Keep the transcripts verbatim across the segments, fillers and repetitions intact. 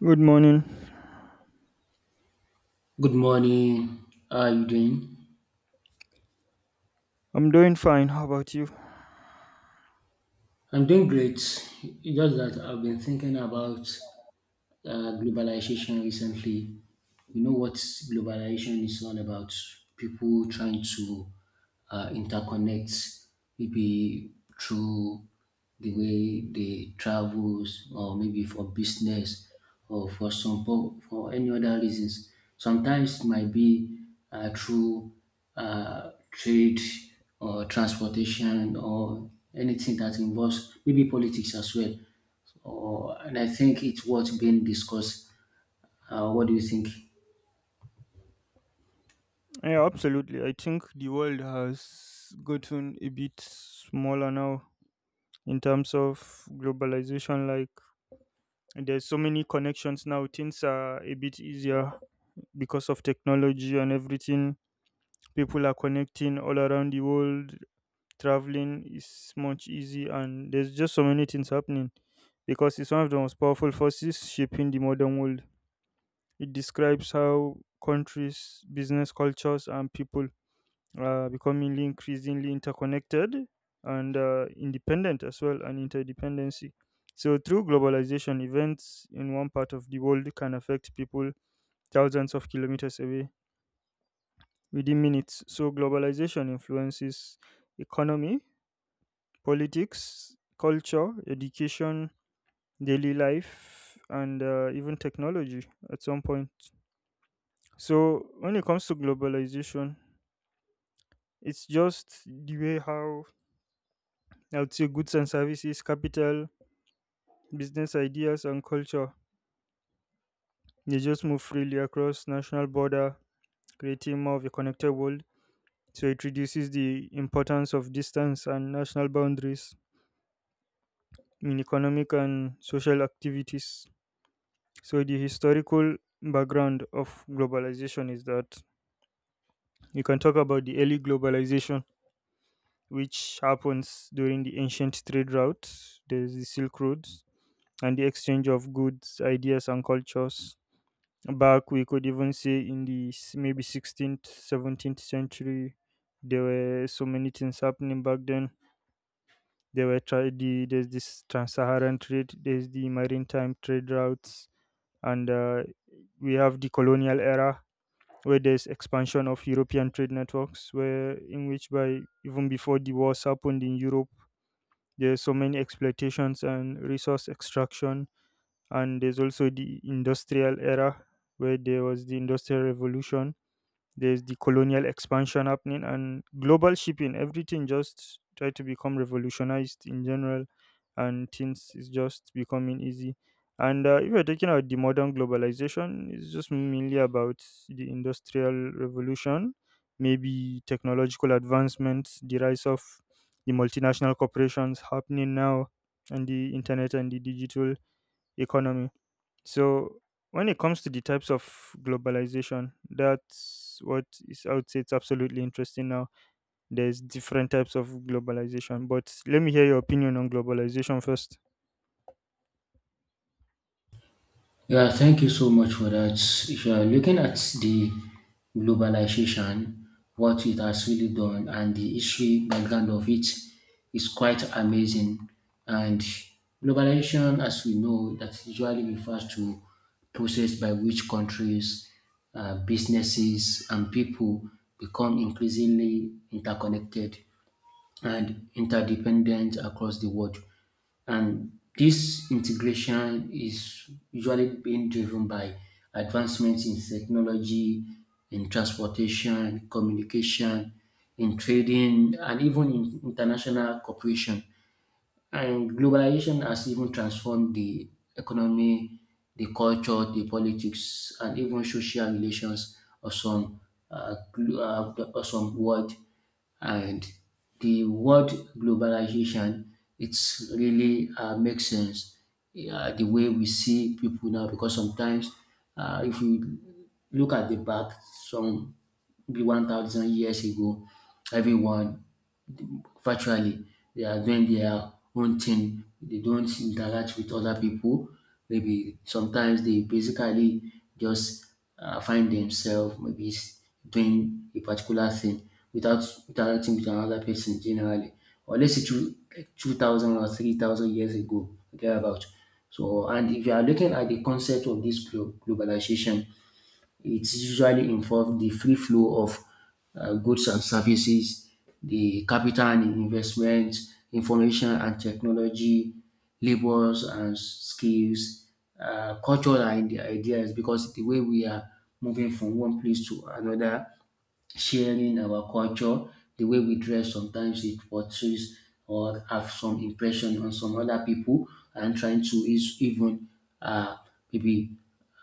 Good morning. Good morning. How are you doing? I'm doing fine. How about you? I'm doing great. It's Just that I've been thinking about uh, globalization recently. You know what globalization is all about? People trying to uh, interconnect, maybe through the way they travels, or maybe for business, or for some po- for any other reasons. Sometimes it might be uh, through uh, trade or transportation or anything that involves maybe politics as well. Oh, and I think it's worth being discussed. Uh, what do you think? Yeah, absolutely. I think the world has gotten a bit smaller now in terms of globalization. Like, there's so many connections now. Things are a bit easier because of technology and everything. People are connecting all around the world. Traveling is much easy, and there's just so many things happening because it's one of the most powerful forces shaping the modern world. It describes how countries, business cultures, and people are becoming increasingly interconnected and uh, independent as well, and interdependency. So, through globalization, events in one part of the world can affect people thousands of kilometers away within minutes. So, globalization influences economy, politics, culture, education, daily life, and uh, even technology at some point. So, when it comes to globalization, it's just the way how I would say goods and services, capital, business ideas, and culture they just move freely across national border, creating more of a connected world. So it reduces the importance of distance and national boundaries in economic and social activities. So the historical background of globalization is that you can talk about the early globalization, which happens during the ancient trade route. There's the Silk Road, and the exchange of goods, ideas, and cultures. Back, we could even say in the s- maybe sixteenth, seventeenth century, there were so many things happening back then. There were tra- the, there's this trans-Saharan trade, there's the maritime trade routes, and uh, we have the colonial era where there's expansion of European trade networks, where in which by even before the wars happened in Europe, there's so many exploitations and resource extraction, and there's also the industrial era where there was the industrial revolution, there's the colonial expansion happening and global shipping, everything just try to become revolutionized in general and things is just becoming easy. And uh, if you're talking about the modern globalization, it's just mainly about the industrial revolution, maybe technological advancements, the rise of the multinational corporations happening now, and the internet and the digital economy. So when it comes to the types of globalization, that's what is I would say it's absolutely interesting now. There's different types of globalization, but let me hear your opinion on globalization first. Yeah, thank you so much for that. If you are looking at the globalization, what it has really done, and the history background of it is quite amazing. And globalization, as we know, that usually refers to process by which countries, uh, businesses, and people become increasingly interconnected and interdependence across the world. And this integration is usually being driven by advancements in technology, in transportation, communication, in trading, and even in international cooperation. And globalization has even transformed the economy, the culture, the politics, and even social relations of some uh, glo- uh, of some world. And the word globalization, it's really uh, makes sense uh, the way we see people now, because sometimes uh, if we look at the back, some maybe one thousand years ago, everyone virtually. They are doing their own thing. They don't interact with other people. Maybe sometimes they basically just uh, find themselves maybe s- doing a particular thing without interacting with another person generally. Or let's say two, 2,000 or three thousand years ago, thereabout. So, and if you are looking at the concept of this glo- globalization, it usually involves the free flow of uh, goods and services, the capital and investment, information and technology, labors and skills, uh, culture and ideas, because the way we are moving from one place to another sharing our culture, the way we dress, sometimes it portrays or have some impression on some other people and trying to is even uh, maybe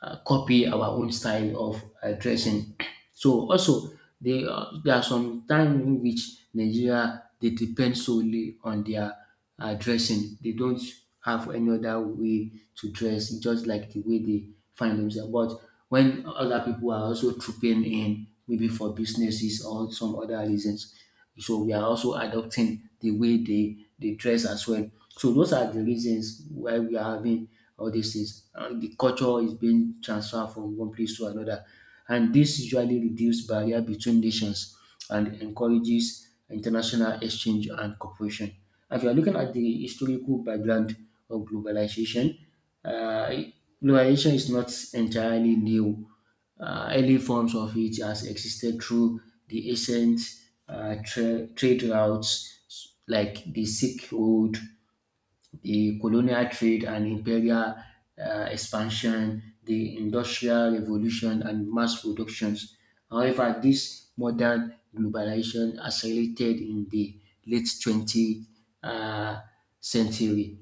uh, copy our own style of uh, dressing. So also they, uh, there are some times in which Nigeria they depend solely on their uh, dressing. They don't have any other way to dress, just like the way they find themselves. But when other people are also trooping in, maybe for businesses or some other reasons, so we are also adopting the way they, they dress as well. So those are the reasons why we are having all these things. Uh, the culture is being transferred from one place to another, and this usually reduce barrier between nations and encourages international exchange and cooperation. If you are looking at the historical background of globalization, uh, globalization is not entirely new. Uh, early forms of it has existed through the ancient uh, tra- trade routes like the Silk Road, the colonial trade and imperial uh, expansion, the industrial revolution, and mass productions. However, this modern globalization accelerated in the late twentieth uh, century,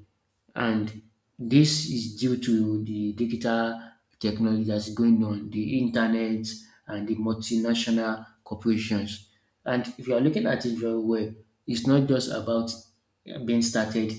and this is due to the digital technology that's going on, the internet and the multinational corporations. And if you are looking at it very well, it's not just about uh, being started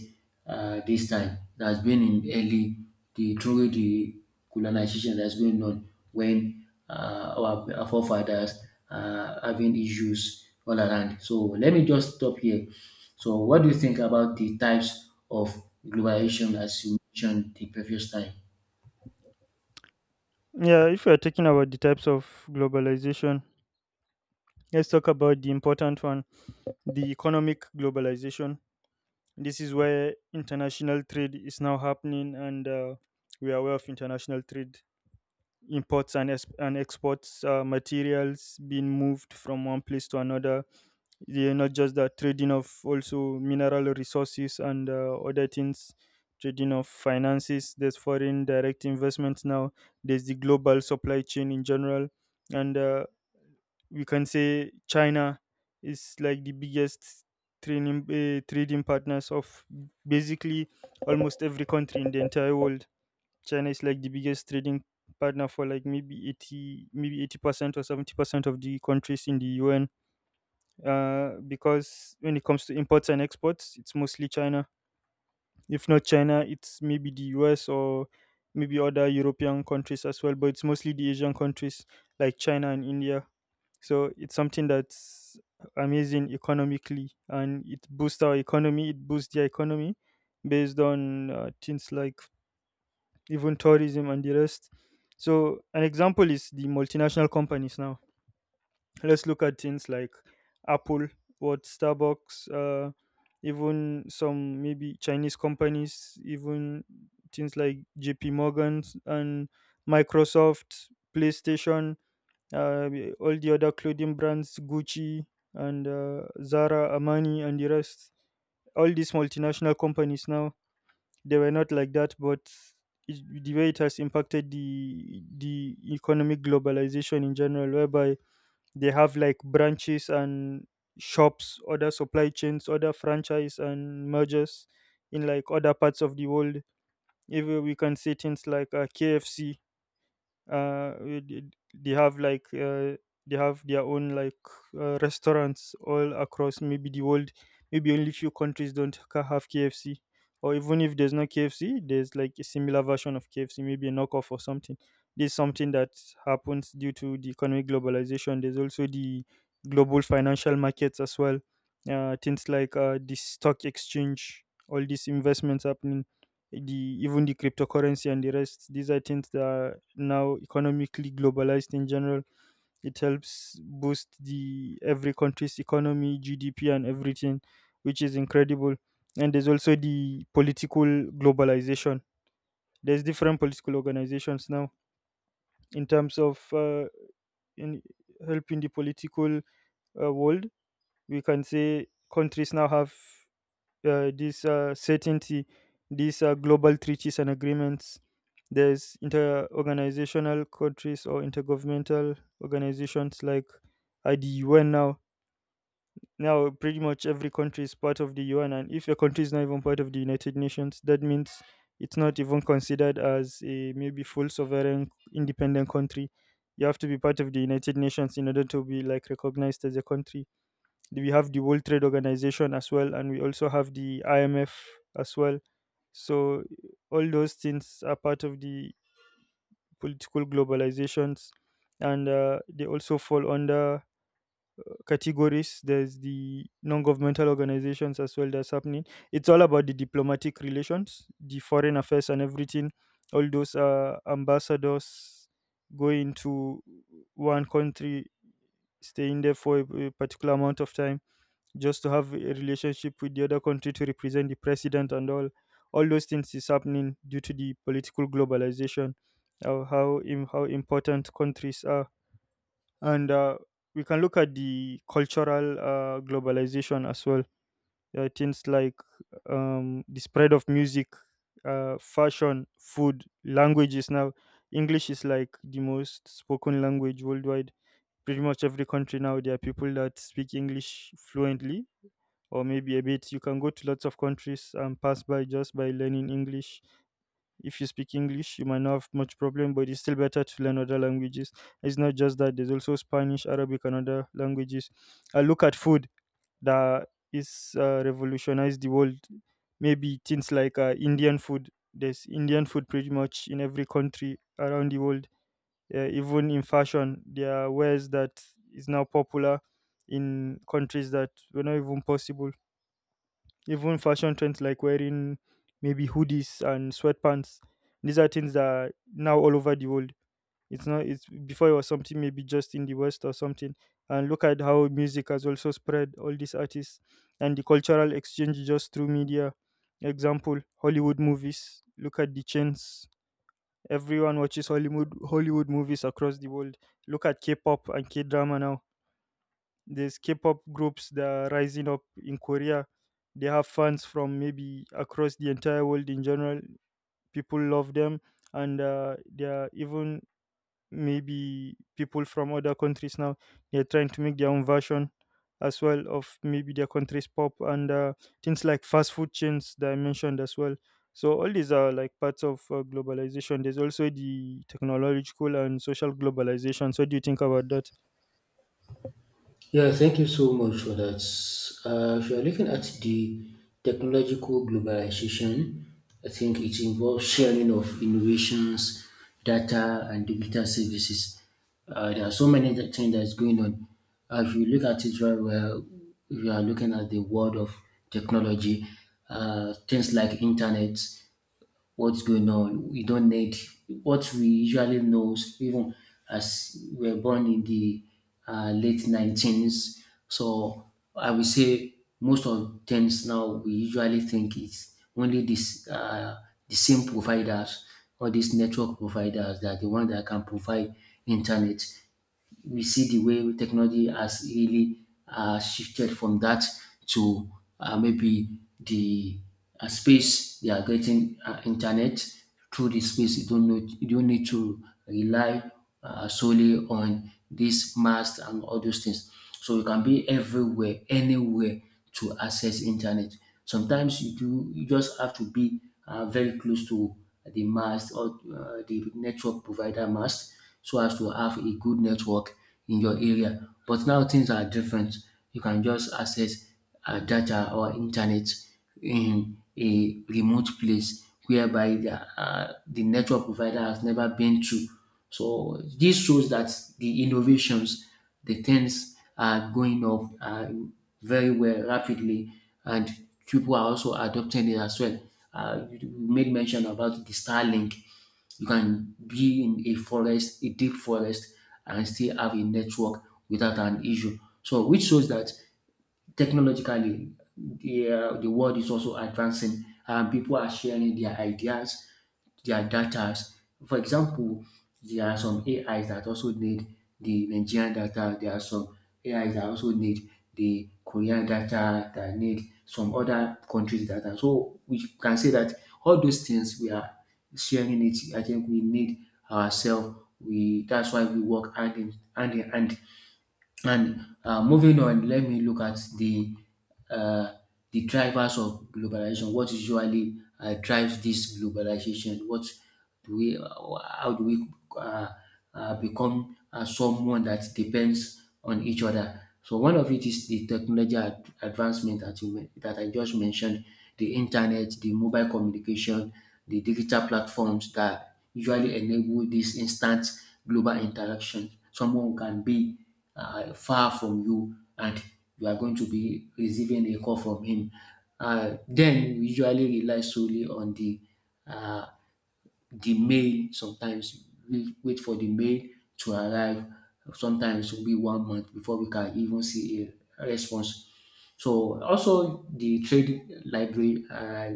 uh, this time. That has been in early the through the colonization that's going on when uh, our our forefathers are having issues all around. So let me just stop here. So what do you think about the types of globalization as you mentioned the previous time? Yeah, if we're talking about the types of globalization, let's talk about the important one, the economic globalization. This is where international trade is now happening, and uh, we are aware of international trade, imports and, ex- and exports, uh, materials being moved from one place to another. They are not just that trading of also mineral resources and uh, other things, trading of finances, there's foreign direct investments now, there's the global supply chain in general. And uh, we can say China is like the biggest trading uh, trading partners of basically almost every country in the entire world. China is like the biggest trading partner for like maybe eighty, maybe eighty percent or seventy percent of the countries in the U N, uh, because when it comes to imports and exports it's mostly China. If not China, it's maybe the U S or maybe other European countries as well, but it's mostly the Asian countries like China and India. So it's something that's amazing economically, and it boosts our economy. It boosts their economy based on uh, things like even tourism and the rest. So an example is the multinational companies. Now let's look at things like Apple, what Starbucks, uh, even some maybe Chinese companies, even things like J P Morgan and Microsoft, PlayStation, uh, all the other clothing brands, Gucci and uh, Zara, Armani, and the rest. All these multinational companies now, they were not like that, but it, the way it has impacted the the economic globalization in general, whereby they have like branches and shops, other supply chains, other franchise and mergers in like other parts of the world. Even we can say things like uh, K F C, uh we did- they have like uh, they have their own like uh, restaurants all across maybe the world. Maybe only few countries don't ca- have KFC, or even if there's no KFC there's like a similar version of KFC, maybe a knockoff or something. This is something that happens due to the economic globalization. There's also the global financial markets as well, uh, things like uh, the stock exchange, all these investments happening, the even the cryptocurrency and the rest. These are things that are now economically globalized in general. It helps boost the every country's economy, G D P and everything, which is incredible. And there's also the political globalization. There's different political organizations now in terms of uh, in helping the political uh, world. We can say countries now have uh, this uh, certainty, these uh, global treaties and agreements. There's inter-organizational countries or intergovernmental organizations like uh, the U N now. Now, pretty much every country is part of the U N, and if your country is not even part of the United Nations, that means it's not even considered as a maybe full sovereign independent country. You have to be part of the United Nations in order to be like recognized as a country. We have the World Trade Organization as well, and we also have the I M F as well. So all those things are part of the political globalizations, and uh, they also fall under categories. There's the non-governmental organizations as well that's happening. It's all about the diplomatic relations, the foreign affairs, and everything. All those uh, ambassadors going to one country, staying there for a a particular amount of time just to have a relationship with the other country to represent the president and all. All those things is happening due to the political globalization, of how im- how important countries are. And uh, we can look at the cultural uh, globalization as well. uh, things like um, the spread of music, uh, fashion, food, languages. Now English is like the most spoken language worldwide. Pretty much every country now there are people that speak English fluently or maybe a bit. You can go to lots of countries and pass by just by learning English. If you speak English, you might not have much problem, but it's still better to learn other languages. It's not just that, there's also Spanish, Arabic, and other languages. I look at food that is uh, revolutionized the world. Maybe things like uh, Indian food. There's Indian food pretty much in every country around the world. Uh, even in fashion, there are wares that is now popular in countries that were not even possible. Even fashion trends like wearing maybe hoodies and sweatpants, these are things that are now all over the world. It's not, it's before it was something maybe just in the west or something. And look at how music has also spread, all these artists and the cultural exchange just through media. Example, Hollywood movies, look at the chains. Everyone watches hollywood hollywood movies across the world. Look at K-pop and K-drama now. There's K-pop groups that are rising up in Korea. They have fans from maybe across the entire world in general. People love them, and uh, they are even maybe people from other countries now, they're trying to make their own version as well of maybe their country's pop. And uh, things like fast food chains that I mentioned as well. So all these are like parts of uh, globalization. There's also the technological and social globalization. So what do you think about that? Yeah, thank you so much for that. Uh, if you are looking at the technological globalization, I think it involves sharing of innovations, data, and digital services. Uh, there are so many th- things that's going on. Uh, if you look at it very well, if you are looking at the world of technology, uh, things like internet what's going on. We don't need what we usually know, even as we were born in the uh, late nineteens. So I will say most of things now we usually think it's only this uh, the same providers or these network providers that are the one that can provide internet. We see the way technology has really uh, shifted from that to uh, maybe the uh, space. They are getting uh, internet through the space. You don't know, you don't need to rely uh, solely on this mast and all those things. So you can be everywhere, anywhere to access internet. Sometimes you do, you just have to be uh, very close to the mast or uh, the network provider mast so as to have a good network in your area. But now things are different. You can just access uh, data or internet in a remote place whereby the, uh, the network provider has never been to. So this shows that the innovations, the things are going up uh, very well rapidly, and people are also adopting it as well. Uh, you you made mention about the Starlink. You can be in a forest, a deep forest, and still have a network without an issue. So, which shows that technologically the uh, the world is also advancing, and people are sharing their ideas, their data. For example, there are some ais that also need the nigerian data. There are some ais that also need the korean data, that need some other countries data, so we can say that all those things we are sharing it. I think we need ourselves. We, that's why we work hand in hand in hand. And uh, moving on, let me look at the uh, the drivers of globalization. What usually uh, drives this globalization? What do we? Uh, How do we uh, uh, become uh, someone that depends on each other? So one of it is the technology ad- advancement that you, men- that I just mentioned, the internet, the mobile communication, the digital platforms that usually enable this instant global interaction. Someone can be uh, far from you, and you are going to be receiving a call from him. Uh, then we usually rely solely on the uh, the mail. Sometimes we wait for the mail to arrive. Sometimes it will be one month before we can even see a response. So also the trade library uh,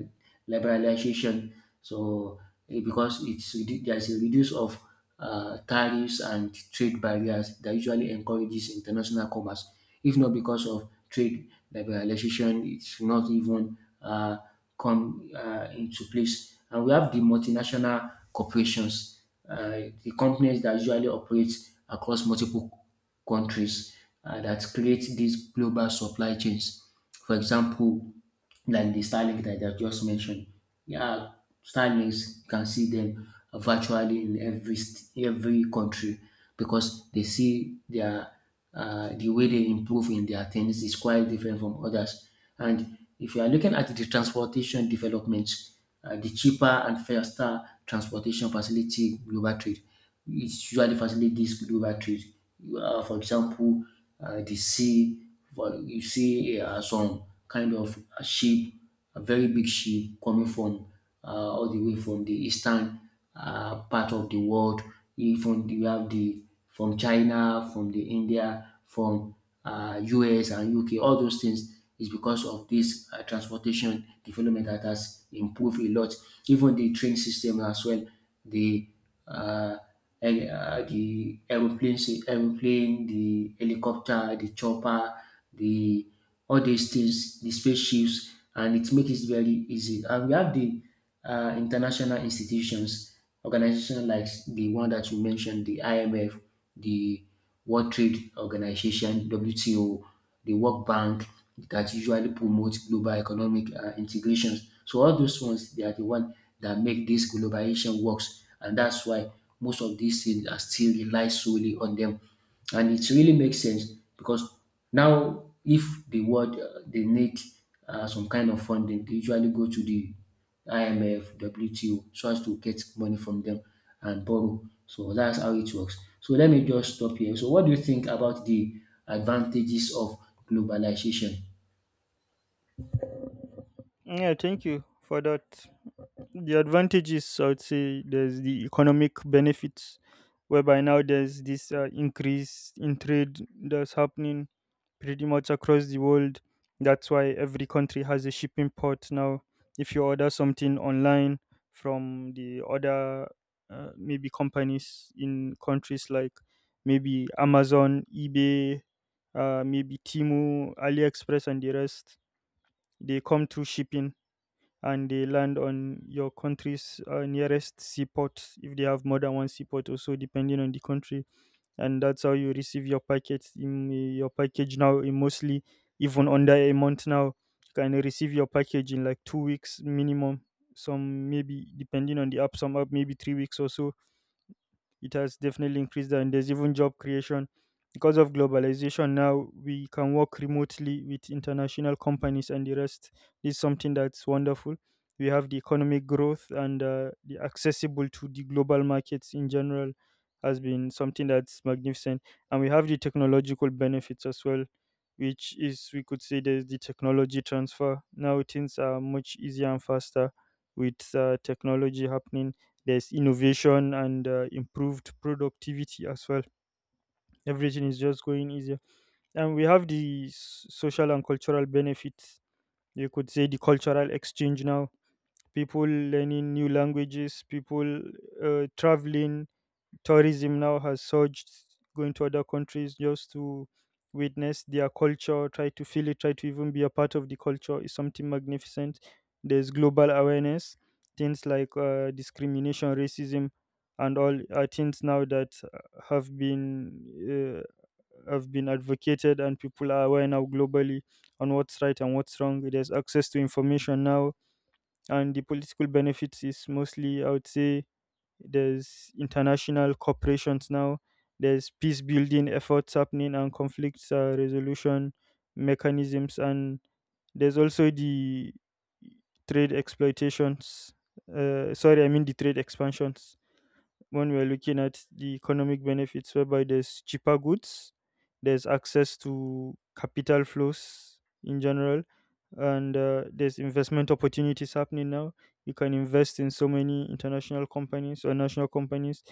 liberalization. So eh, because it's redu- there's a reduce of uh, tariffs and trade barriers that usually encourages international commerce. If not because of trade liberalization, it's not even uh, come uh, into place. And we have the multinational corporations, uh, the companies that usually operate across multiple countries uh, that create these global supply chains. For example, like the Starlink that I just mentioned. Yeah, Starlinks you can see them virtually in every st- every country, because they see their uh, the way they improve in their things is quite different from others. And if you are looking at the transportation development, uh, the cheaper and faster transportation facility global trade, it's usually facilitate this global trade. Uh, for example, uh, the sea, for, you see uh, some kind of a ship, a very big ship coming from uh, all the way from the eastern uh, part of the world. Even you have the from China, from the India, from uh, U S and U K. All those things is because of this uh, transportation development that has improved a lot. Even the train system as well, the uh, eh, uh, the aeroplane, sy- aeroplane, the helicopter, the chopper, the all these things, the spaceships, and it makes it very easy. And we have the uh, international institutions, organizations like the one that you mentioned, the I M F, the World Trade Organization, W T O, the World Bank, that usually promote global economic uh, integrations. So all those ones, they are the one that make this globalization works, and that's why most of these things are still rely solely on them, and it really makes sense, because now if the world uh, they need uh, some kind of funding, they usually go to the I M F, W T O, so as to get money from them and borrow. So that's how it works. So let me just stop here. So what do you think about the advantages of globalization? Yeah, thank you for that. The advantages, I would say there's the economic benefits, whereby now there's this uh, increase in trade that's happening pretty much across the world. That's why every country has a shipping port now. If you order something online from the other uh, maybe companies in countries like maybe Amazon, eBay, uh, maybe Timu, AliExpress and the rest, they come through shipping and they land on your country's uh, nearest seaport, if they have more than one seaport also depending on the country. And that's how you receive your package. In your package now, in mostly even under a month, now you can receive your package in like two weeks minimum. Some, maybe depending on the app, some app maybe three weeks or so. It has definitely increased. And there's even job creation because of globalization. Now we can work remotely with international companies and the rest. This is something that's wonderful. We have the economic growth and uh, the accessible to the global markets in general has been something that's magnificent. And we have the technological benefits as well, which is we could say there's the technology transfer. Now things are much easier and faster with uh, technology happening. There's innovation and uh, improved productivity as well. Everything is just going easier, and we have the s- social and cultural benefits. You could say the cultural exchange now, people learning new languages, people uh, traveling, tourism now has surged, going to other countries just to witness their culture, try to feel it, try to even be a part of the culture is something magnificent. There's global awareness, things like uh, discrimination, racism, and all are things now that uh, have been uh, have been advocated, and people are aware now globally on what's right and what's wrong. There's access to information now, and the political benefits is mostly, I would say, there's international corporations now, there's peace building efforts happening and conflict uh, resolution mechanisms. And there's also the trade exploitations uh, sorry I mean the trade expansions when we're looking at the economic benefits, whereby there's cheaper goods, there's access to capital flows in general, and uh, there's investment opportunities happening now. You can invest in so many international companies or national companies.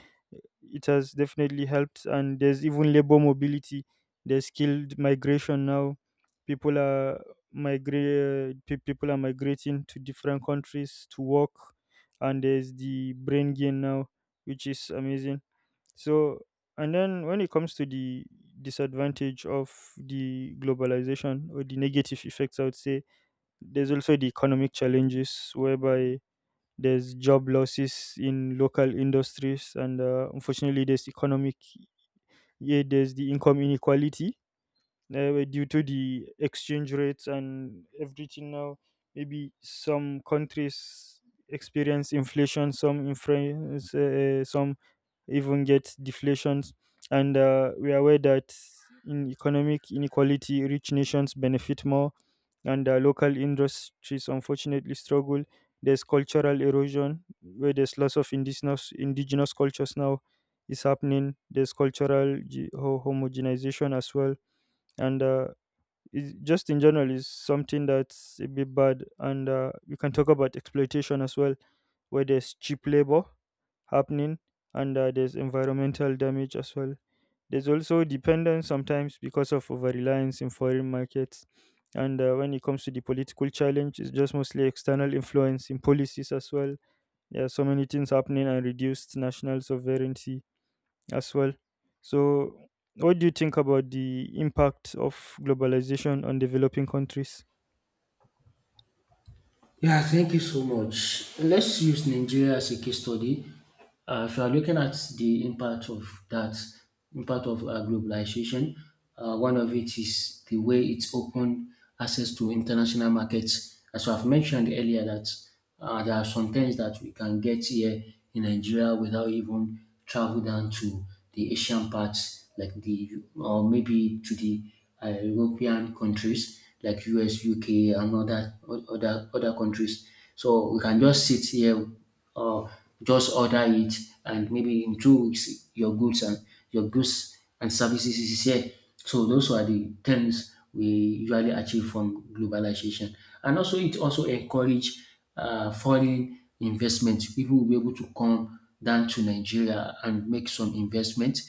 It has definitely helped, and there's even labor mobility. There's skilled migration now. People are migrate. People are migrating to different countries to work, and there's the brain gain now, which is amazing. So, and then when it comes to the disadvantage of the globalization or the negative effects, I would say there's also the economic challenges, whereby there's job losses in local industries, and uh, unfortunately, there's economic, yeah, there's the income inequality uh, due to the exchange rates and everything. Now maybe some countries experience inflation, some influence, uh, some even get deflations. And uh, we are aware that in economic inequality, rich nations benefit more, and uh, local industries unfortunately struggle. There's cultural erosion, where there's lots of indigenous indigenous cultures now is happening. There's cultural ge- ho- homogenization as well, and uh, it's just in general is something that's a bit bad. And uh, you can talk about exploitation as well, where there's cheap labor happening, and uh, there's environmental damage as well. There's also dependence sometimes because of over reliance in foreign markets. And uh, when it comes to the political challenge, it's just mostly external influence in policies as well. There are so many things happening, and reduced national sovereignty as well. So, what do you think about the impact of globalization on developing countries? Yeah, thank you so much. Let's use Nigeria as a case study. Uh, if you are looking at the impact of that, impact of uh, globalization, uh, one of it is the way it's opened access to international markets. As I've mentioned earlier, that uh, there are some things that we can get here in Nigeria without even travel down to the Asian parts, like the or maybe to the uh, European countries like U S, U K, and other other other countries. So we can just sit here or just order it, and maybe in two weeks your goods and your goods and services is here. So those are the things we usually achieve from globalization. And also it also encourage uh, foreign investment. People will be able to come down to Nigeria and make some investment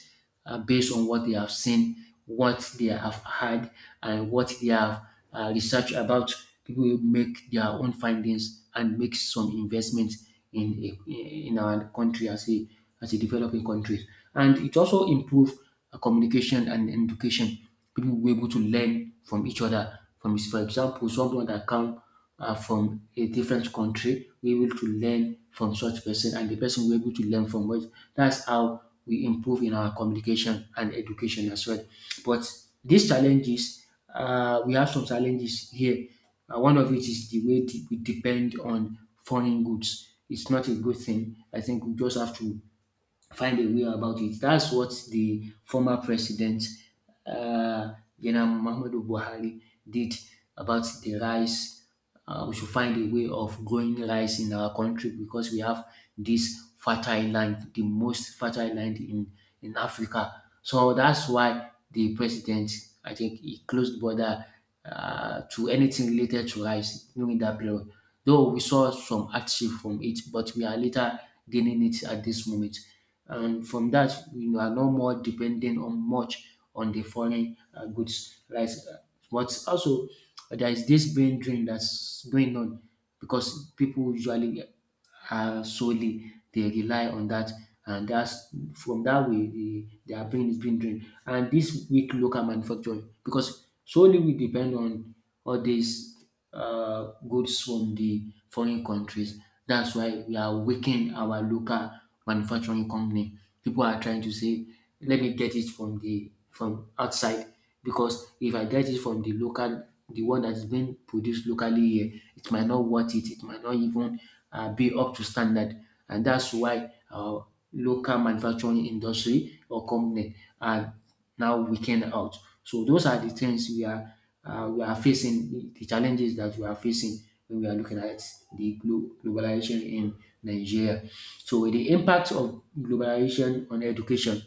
uh, based on what they have seen, what they have heard, and what they have uh, researched about. People will make their own findings and make some investment in a, in our country as a as a developing country. And it also improves uh, communication and education. People were able to learn from each other. From this, for example, someone that come uh, from a different country, we able to learn from such person, and the person we able to learn from us. That's how we improve in our communication and education as well. But these challenges, uh, we have some challenges here. Uh, one of it is the way de- we depend on foreign goods. It's not a good thing. I think we just have to find a way about it. That's what the former president, uh, General Muhammadu Buhari, did about the rice. Uh, we should find a way of growing rice in our country because we have this fertile land, the most fertile land in, in Africa. So that's why the president, I think, he closed border uh, to anything related to rice during that period. Though we saw some hardship from it, but we are later gaining it at this moment. And from that, we are no more dependent on much on the foreign uh, goods. Rice. But also, there is this brain drain that's going on because people usually uh, solely. They rely on that, and that's from that way the, their brain is being drained. And this weak local manufacturing, because solely we depend on all these uh, goods from the foreign countries. That's why we are weakening our local manufacturing company. People are trying to say, let me get it from the from outside because if I get it from the local, the one that is being produced locally here, it might not worth it. It might not even uh, be up to standard. And that's why our local manufacturing industry or company are now weakened out. So those are the things we are uh, we are facing, the the challenges that we are facing when we are looking at the glo- globalization in Nigeria. So the impact of globalization on education,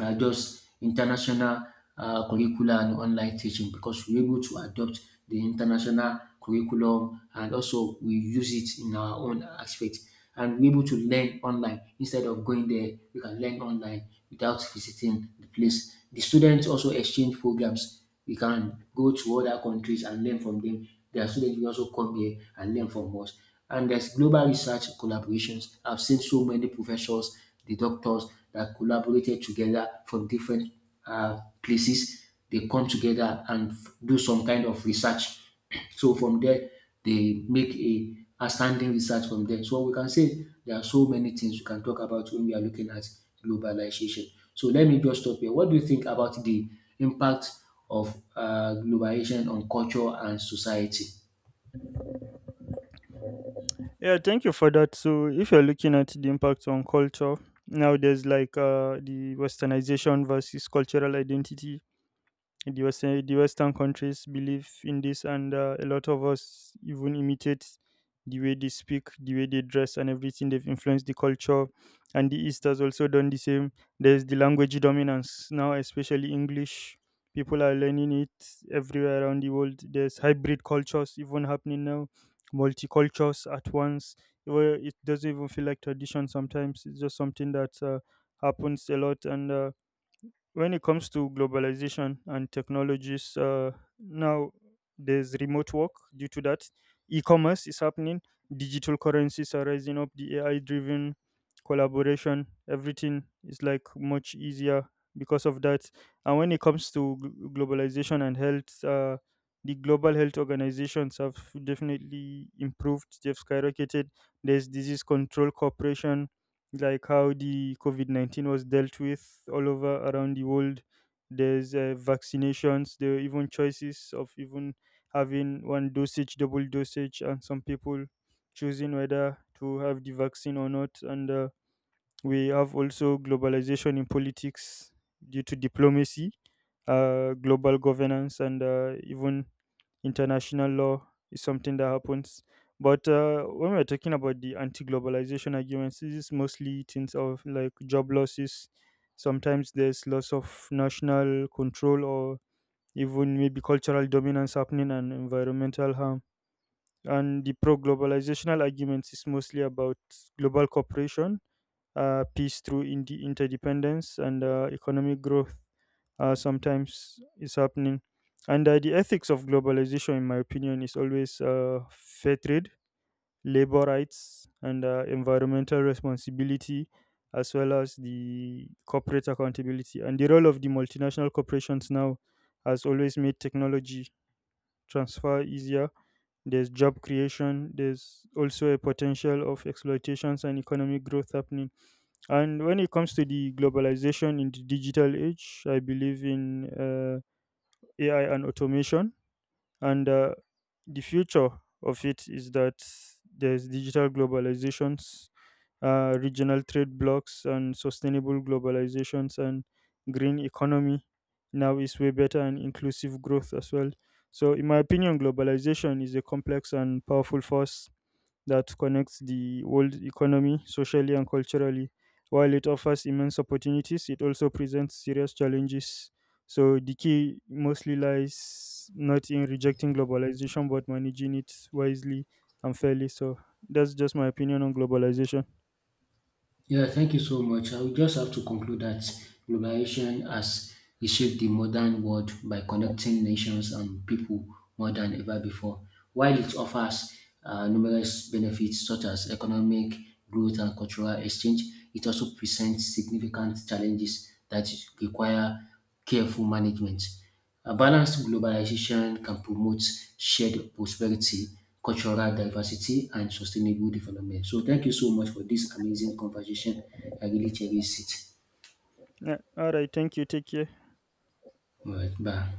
uh, just international uh, curricula and online teaching, because we're able to adopt the international curriculum and also we use it in our own aspect, and we're able to learn online. Instead of going there, we can learn online without visiting the place. The students also exchange programs. We can go to other countries and learn from them. Their students will also come here and learn from us. And there's global research collaborations. I've seen so many professors, the doctors, that collaborated together from different uh, places. They come together and f- do some kind of research. So from there, they make a outstanding research from there. So we can say there are so many things we can talk about when we are looking at globalization. So let me just stop here. What do you think about the impact of uh, globalization on culture and society? Yeah, thank you for that. So, if you're looking at the impact on culture, now there's like uh, the westernization versus cultural identity. The Western, the Western countries believe in this, and uh, a lot of us even imitate the way they speak, the way they dress, and everything. They've influenced the culture, and the East has also done the same. There's the language dominance now, especially English. People are learning it everywhere around the world. There's hybrid cultures even happening now, multicultures at once. Where it doesn't even feel like tradition sometimes. It's just something that uh, happens a lot, and uh, when it comes to globalization and technologies uh, now there's remote work due to that. E-commerce is happening, digital currencies are rising up, the ai driven collaboration, everything is like much easier because of that. And when it comes to gl- globalization and health, uh, the global health organizations have definitely improved, they've skyrocketed. There's disease control cooperation, like how the COVID nineteen was dealt with all over around the world. There's uh, vaccinations, there are even choices of even having one dosage, double dosage, and some people choosing whether to have the vaccine or not. And uh, we have also globalization in politics due to diplomacy, uh, global governance, and uh, even international law is something that happens. But uh, when we're talking about the anti-globalization arguments, this is mostly things of like job losses. Sometimes there's loss of national control, or even maybe cultural dominance happening, and environmental harm. And the pro-globalizational arguments is mostly about global cooperation, uh, peace through indi- interdependence, and uh, economic growth uh, sometimes is happening. And uh, the ethics of globalization, in my opinion, is always uh, fair trade, labor rights, and uh, environmental responsibility, as well as the corporate accountability. And the role of the multinational corporations now has always made technology transfer easier. There's job creation, there's also a potential of exploitations and economic growth happening. And when it comes to the globalization in the digital age, I believe in. Uh, A I and automation. And uh, the future of it is that there's digital globalizations, uh, regional trade blocks, and sustainable globalizations and green economy. Now is way better, and inclusive growth as well. So, in my opinion, globalization is a complex and powerful force that connects the world economy socially and culturally. While it offers immense opportunities, it also presents serious challenges. So the key mostly lies not in rejecting globalization but managing it wisely and fairly. So that's just my opinion on globalization. Yeah, thank you so much. I will just have to conclude that globalization has reshaped the modern world by connecting nations and people more than ever before. While it offers uh, numerous benefits such as economic growth and cultural exchange, it also presents significant challenges that require careful management. A balanced globalization can promote shared prosperity, cultural diversity, and sustainable development. So, thank you so much for this amazing conversation. I really cherish it. Yeah. All right, thank you. Take care. All right, bye.